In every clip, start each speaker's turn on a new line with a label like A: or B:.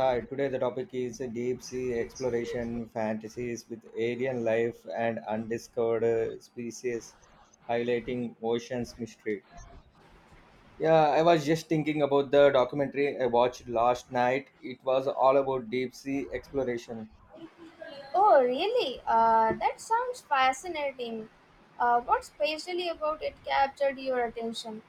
A: Hi, today the topic is deep sea exploration fantasies with alien life and undiscovered species, highlighting ocean's mystery. Yeah, I was just thinking about the documentary I watched last night. It was all about deep sea exploration.
B: Oh, really? That sounds fascinating. What specially about it captured your attention?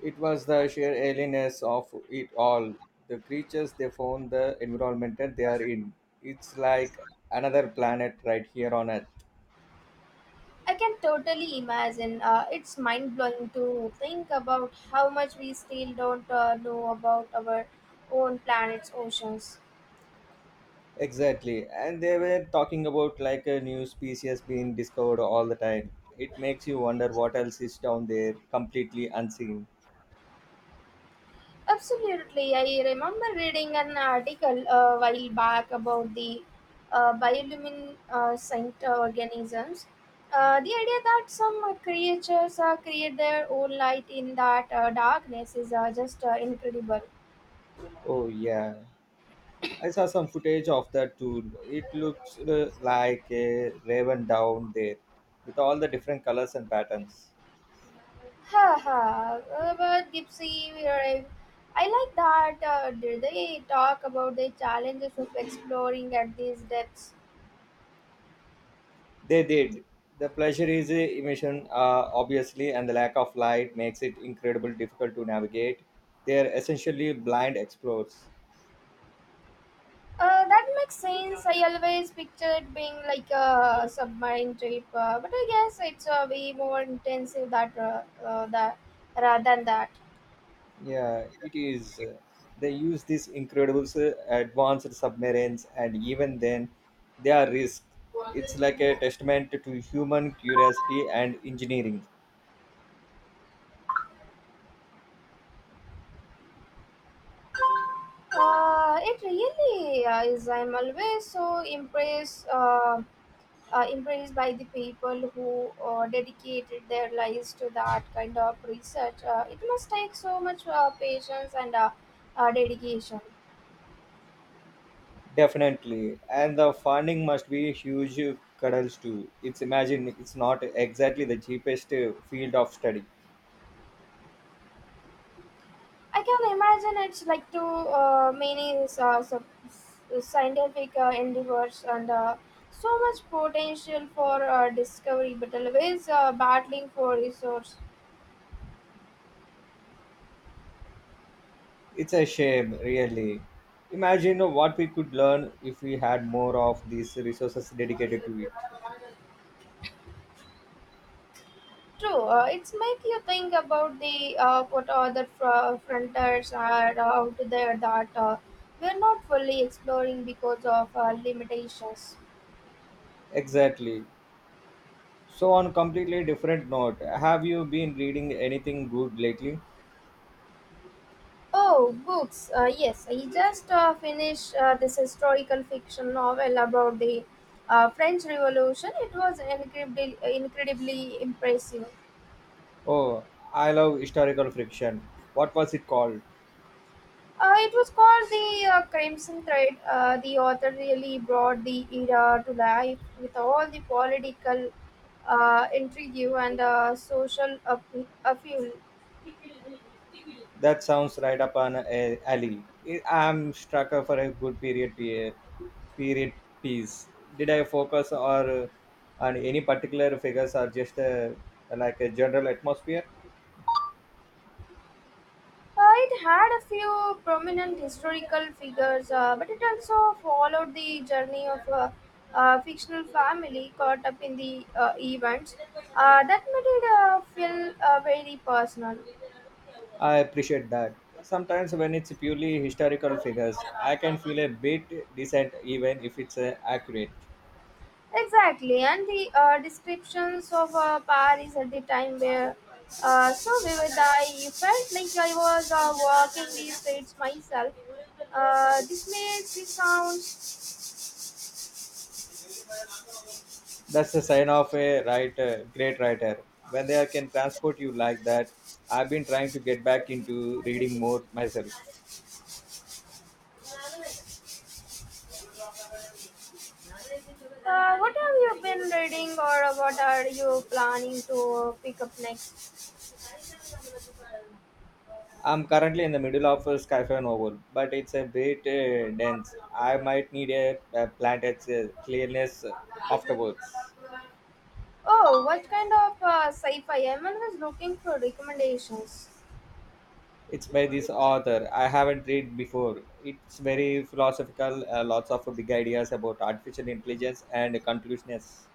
A: It was the sheer alienness of it all. The creatures they found, the environment that they are in. It's like another planet right here on Earth.
B: I can totally imagine. It's mind blowing to think about how much we still don't know about our own planet's oceans.
A: Exactly. And they were talking about like a new species being discovered all the time. It makes you wonder what else is down there completely unseen.
B: Absolutely. I remember reading an article a while back about the bioluminescent organisms. The idea that some creatures create their own light in that darkness is just incredible.
A: Oh, yeah. I saw some footage of that too. It looks like a raven down there with all the different colors and patterns.
B: Ha ha. But Gypsy, we are- I like that. Did they talk about the challenges of exploring at these depths?
A: They did. The pleasure is emission, obviously, and the lack of light makes it incredibly difficult to navigate. They are essentially blind explorers.
B: That makes sense. I always pictured being like a submarine trip, but I guess it's way more intensive that that rather than that.
A: Yeah, it is. They use these incredible advanced submarines, and even then, they are risk. It's like a testament to human curiosity and engineering.
B: It really is. I'm always so impressed. Impressed by the people who dedicated their lives to that kind of research. It must take so much patience and dedication.
A: Definitely. And the funding must be huge cuddles too. It's imagine it's not exactly the cheapest field of study.
B: I can imagine it's like to many uh, sub- scientific endeavors and so much potential for discovery, but always battling for resource.
A: It's a shame, really. Imagine what we could learn if we had more of these resources dedicated to it.
B: True, it's make you think about the what other frontiers are out there that we're not fully exploring because of limitations.
A: Exactly. So, on completely different note, have you been reading anything good lately?
B: Oh, books. Yes, I just finished this historical fiction novel about the French Revolution. It was incredibly impressive.
A: Oh, I love historical fiction. What was it called?
B: It was called The Crimson Thread. The author really brought the era to life with all the political intrigue and social upheaval.
A: That sounds right up an alley. I'm struck for a good period period piece. Did I focus or on any particular figures or just like a general atmosphere?
B: It had a few prominent historical figures, but it also followed the journey of a fictional family caught up in the events. That made it feel very personal.
A: I appreciate that. Sometimes when it's purely historical figures, I can feel a bit decent even if it's accurate.
B: Exactly, and the descriptions of Paris at the time were so vivid. I felt like I was walking these streets myself. This made the sound.
A: That's the sign of a writer, great writer. When they can transport you like that, I've been trying to get back into reading more myself.
B: What have you been reading or what are you planning to pick up next?
A: I'm currently in the middle of a sci-fi novel, but it's a bit dense. I might need a planet's clearness afterwards.
B: Oh, what kind of sci fi? I'm always looking for recommendations.
A: It's by this author I haven't read before. It's very philosophical, lots of big ideas about artificial intelligence and consciousness.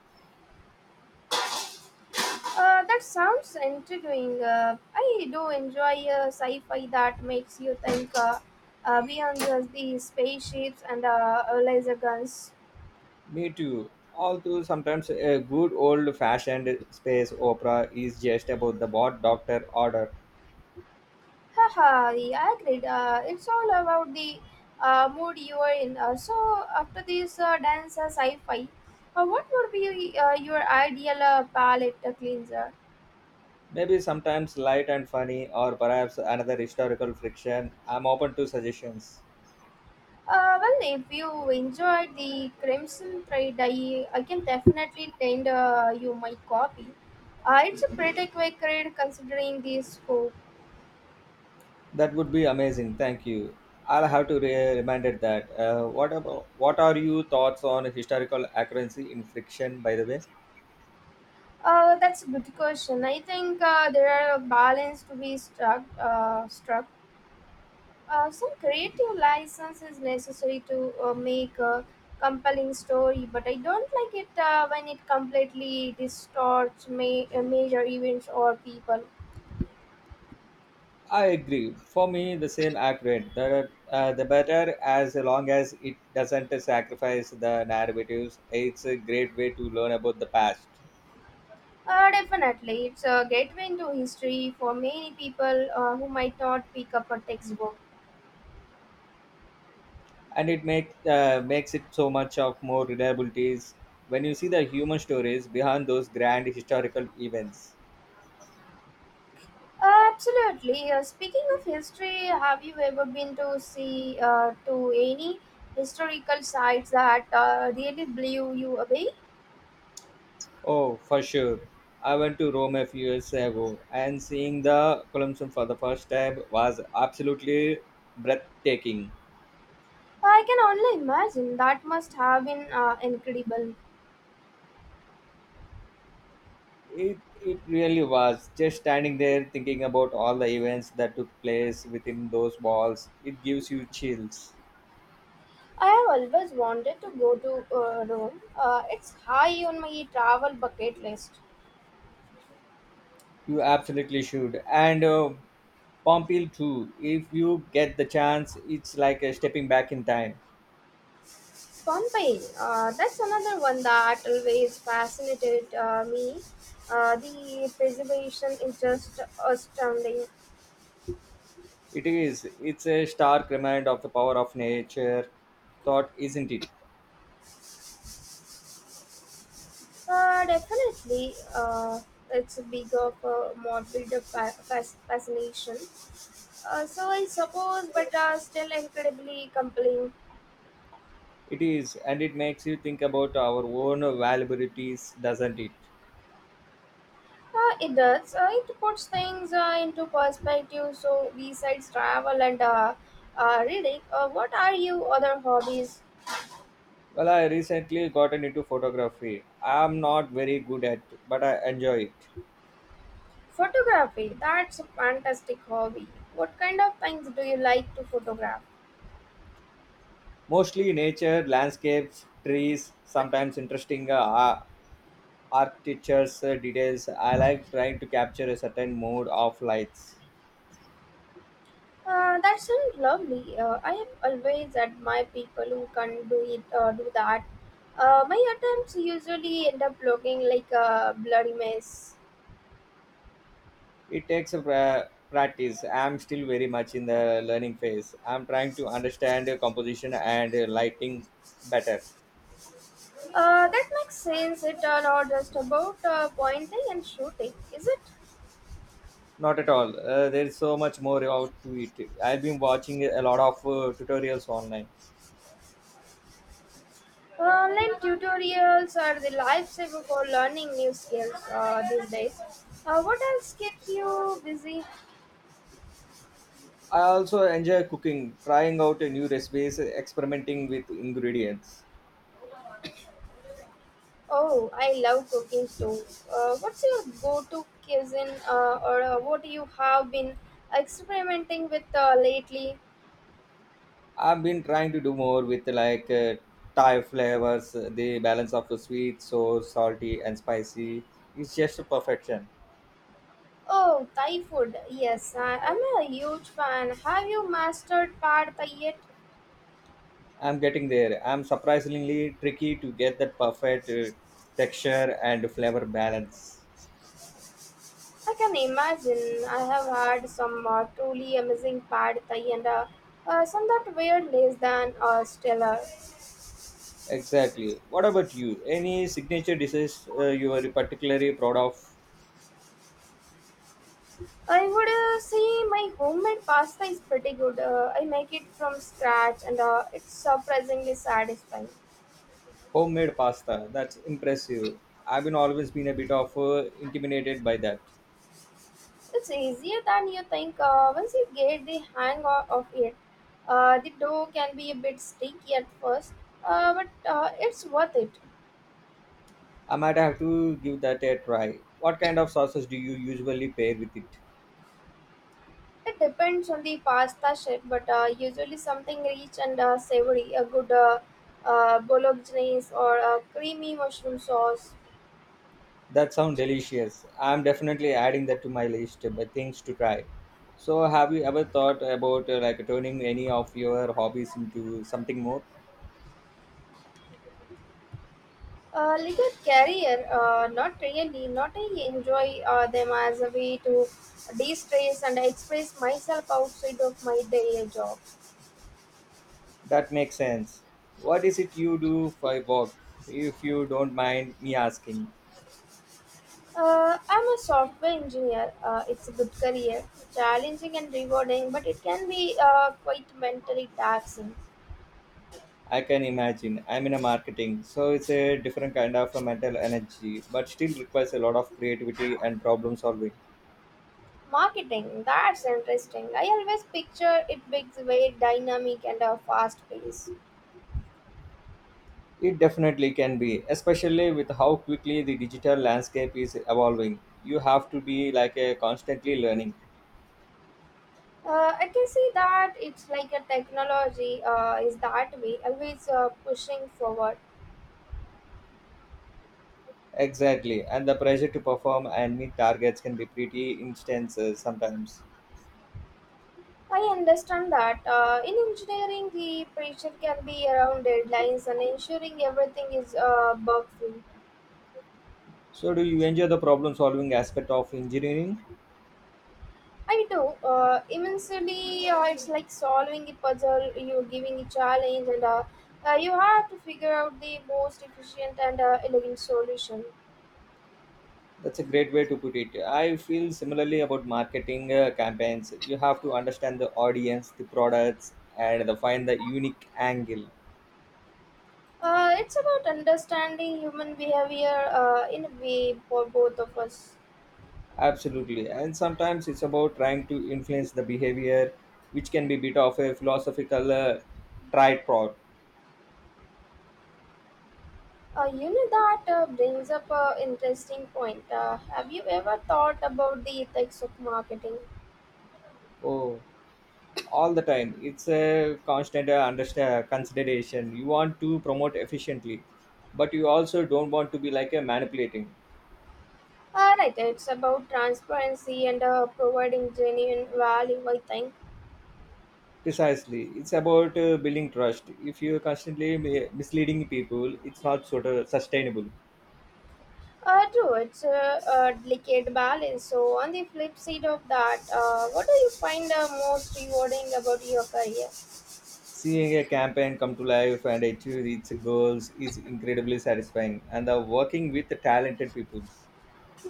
B: That sounds intriguing. I do enjoy sci fi that makes you think beyond just the spaceships and laser guns.
A: Me too. Although sometimes a good old fashioned space opera is just about the what doctor order.
B: Haha, yeah, I agreed. It's all about the mood you are in. So, after this dance sci fi, what would be your ideal palette cleanser?
A: Maybe sometimes light and funny, or perhaps another historical friction. I'm open to suggestions.
B: Well, if you enjoyed the Crimson Thread, I can definitely tend you my copy. It's a pretty quick read considering the scope.
A: That would be amazing. Thank you. I'll have to reminded that. What about what are your thoughts on historical accuracy in friction? By the way.
B: That's a good question. I think there are a balance to be struck. Some creative license is necessary to make a compelling story, but I don't like it when it completely distorts major events or people.
A: I agree. For me, the same accurate. The better as long as it doesn't sacrifice the narratives. It's a great way to learn about the past,
B: Definitely, it's a gateway into history for many people who might not pick up a textbook.
A: and it makes it so much of more reliabilities when you see the human stories behind those grand historical events.
B: Absolutely. Speaking of history, have you ever been to see to any historical sites that really blew you away?
A: Oh, for sure. I went to Rome a few years ago, and seeing the Colosseum for the first time was absolutely breathtaking.
B: I can only imagine that must have been incredible.
A: It really was just standing there thinking about all the events that took place within those walls. It gives you chills.
B: I have always wanted to go to Rome. It's high on my travel bucket list.
A: You absolutely should. And Pompeii too. If you get the chance, it's like a stepping back in time.
B: Pompeii, that's another one that always fascinated me. The preservation is just astounding.
A: It is. It's a stark reminder of the power of nature. Thought, isn't it?
B: Definitely, it's a big of a morbid fascination. So I suppose, but still incredibly compelling.
A: It is, and it makes you think about our own vulnerabilities, doesn't it?
B: It does. It puts things into perspective. So, besides travel and reading, what are your other hobbies?
A: Well, I recently gotten into photography. I'm not very good at it, but I enjoy it.
B: Photography. That's a fantastic hobby. What kind of things do you like to photograph?
A: Mostly nature, landscapes, trees, sometimes interesting architectures, details. I like trying to capture a certain mood of lights.
B: That sounds lovely. I have always admired people who can do it, do that. My attempts usually end up looking like a bloody mess.
A: It takes a practice. I'm still very much in the learning phase. I'm trying to understand composition and lighting better.
B: That makes sense. It's not just about pointing and shooting, is it?
A: Not at all. There is so much more out to it. I've been watching a lot of tutorials online.
B: Online tutorials are the lifesaver for learning new skills these days. What else keeps you busy?
A: I also enjoy cooking, trying out a new recipes, experimenting with ingredients.
B: Oh, I love cooking too. What's your go-to cuisine, or what you have been experimenting with lately?
A: I've been trying to do more with like Thai flavors, the balance of the sweet, so salty and spicy. It's just a perfection.
B: Oh, Thai food. Yes, I'm a huge fan. Have you mastered pad Thai yet?
A: I'm getting there. I'm surprisingly tricky to get that perfect texture and flavor balance.
B: I can imagine. I have had some truly amazing pad thai and some that were less than stellar.
A: Exactly. What about you? Any signature dishes you are particularly proud of?
B: I would say my homemade pasta is pretty good. I make it from scratch and it's surprisingly satisfying.
A: Homemade pasta. That's impressive. I've been always been a bit of intimidated by that.
B: It's easier than you think. Once you get the hang of it, the dough can be a bit sticky at first, but it's worth it.
A: I might have to give that a try. What kind of sauces do you usually pair with it?
B: It depends on the pasta shape, but usually something rich and savory, a good bolognese or a creamy mushroom sauce.
A: That sounds delicious. I'm definitely adding that to my list but things to try. So, have you ever thought about like turning any of your hobbies into something more?
B: A little carrier, not really, not I enjoy them as a way to de-stress and express myself outside of my daily job.
A: That makes sense. What is it you do for work, if you don't mind me asking?
B: I'm a software engineer. It's a good career, challenging and rewarding, but it can be quite mentally taxing.
A: I can imagine. I'm in a marketing, so it's a different kind of a mental energy, but still requires a lot of creativity and problem solving.
B: Marketing, that's interesting. I always picture it big, very dynamic and fast paced.
A: It definitely can be, especially with how quickly the digital landscape is evolving. You have to be like a constantly learning.
B: I can see that it's like a technology is that way, always pushing forward.
A: Exactly, and the pressure to perform and meet targets can be pretty intense sometimes.
B: I understand that in engineering, the pressure can be around deadlines and ensuring everything is bug free.
A: So, do you enjoy the problem solving aspect of engineering?
B: I do immensely. It's like solving a puzzle. You're giving a challenge, and you have to figure out the most efficient and elegant solution.
A: That's a great way to put it. I feel similarly about marketing campaigns. You have to understand the audience, the products, and the, find the unique angle.
B: It's about understanding human behavior in a way for both of us.
A: Absolutely. And sometimes it's about trying to influence the behavior, which can be bit of a philosophical tried prod.
B: You know that brings up an interesting point. Have you ever thought about the ethics of marketing?
A: Oh, all the time. It's a constant understand, consideration. You want to promote efficiently, but you also don't want to be like a manipulating.
B: Right, it's about transparency and providing genuine value, I think.
A: Precisely. It's about building trust. If you're constantly misleading people, it's not sort of sustainable.
B: True, it's a delicate balance. So, on the flip side of that, what do you find most rewarding about your career?
A: Seeing a campaign come to life and achieve its goals is incredibly satisfying. And working with talented people.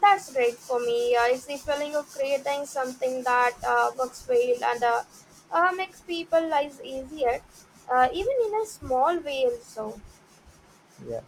B: That's great for me. It's the feeling of creating something that works well and makes people lives easier, even in a small way, also.
A: Yeah.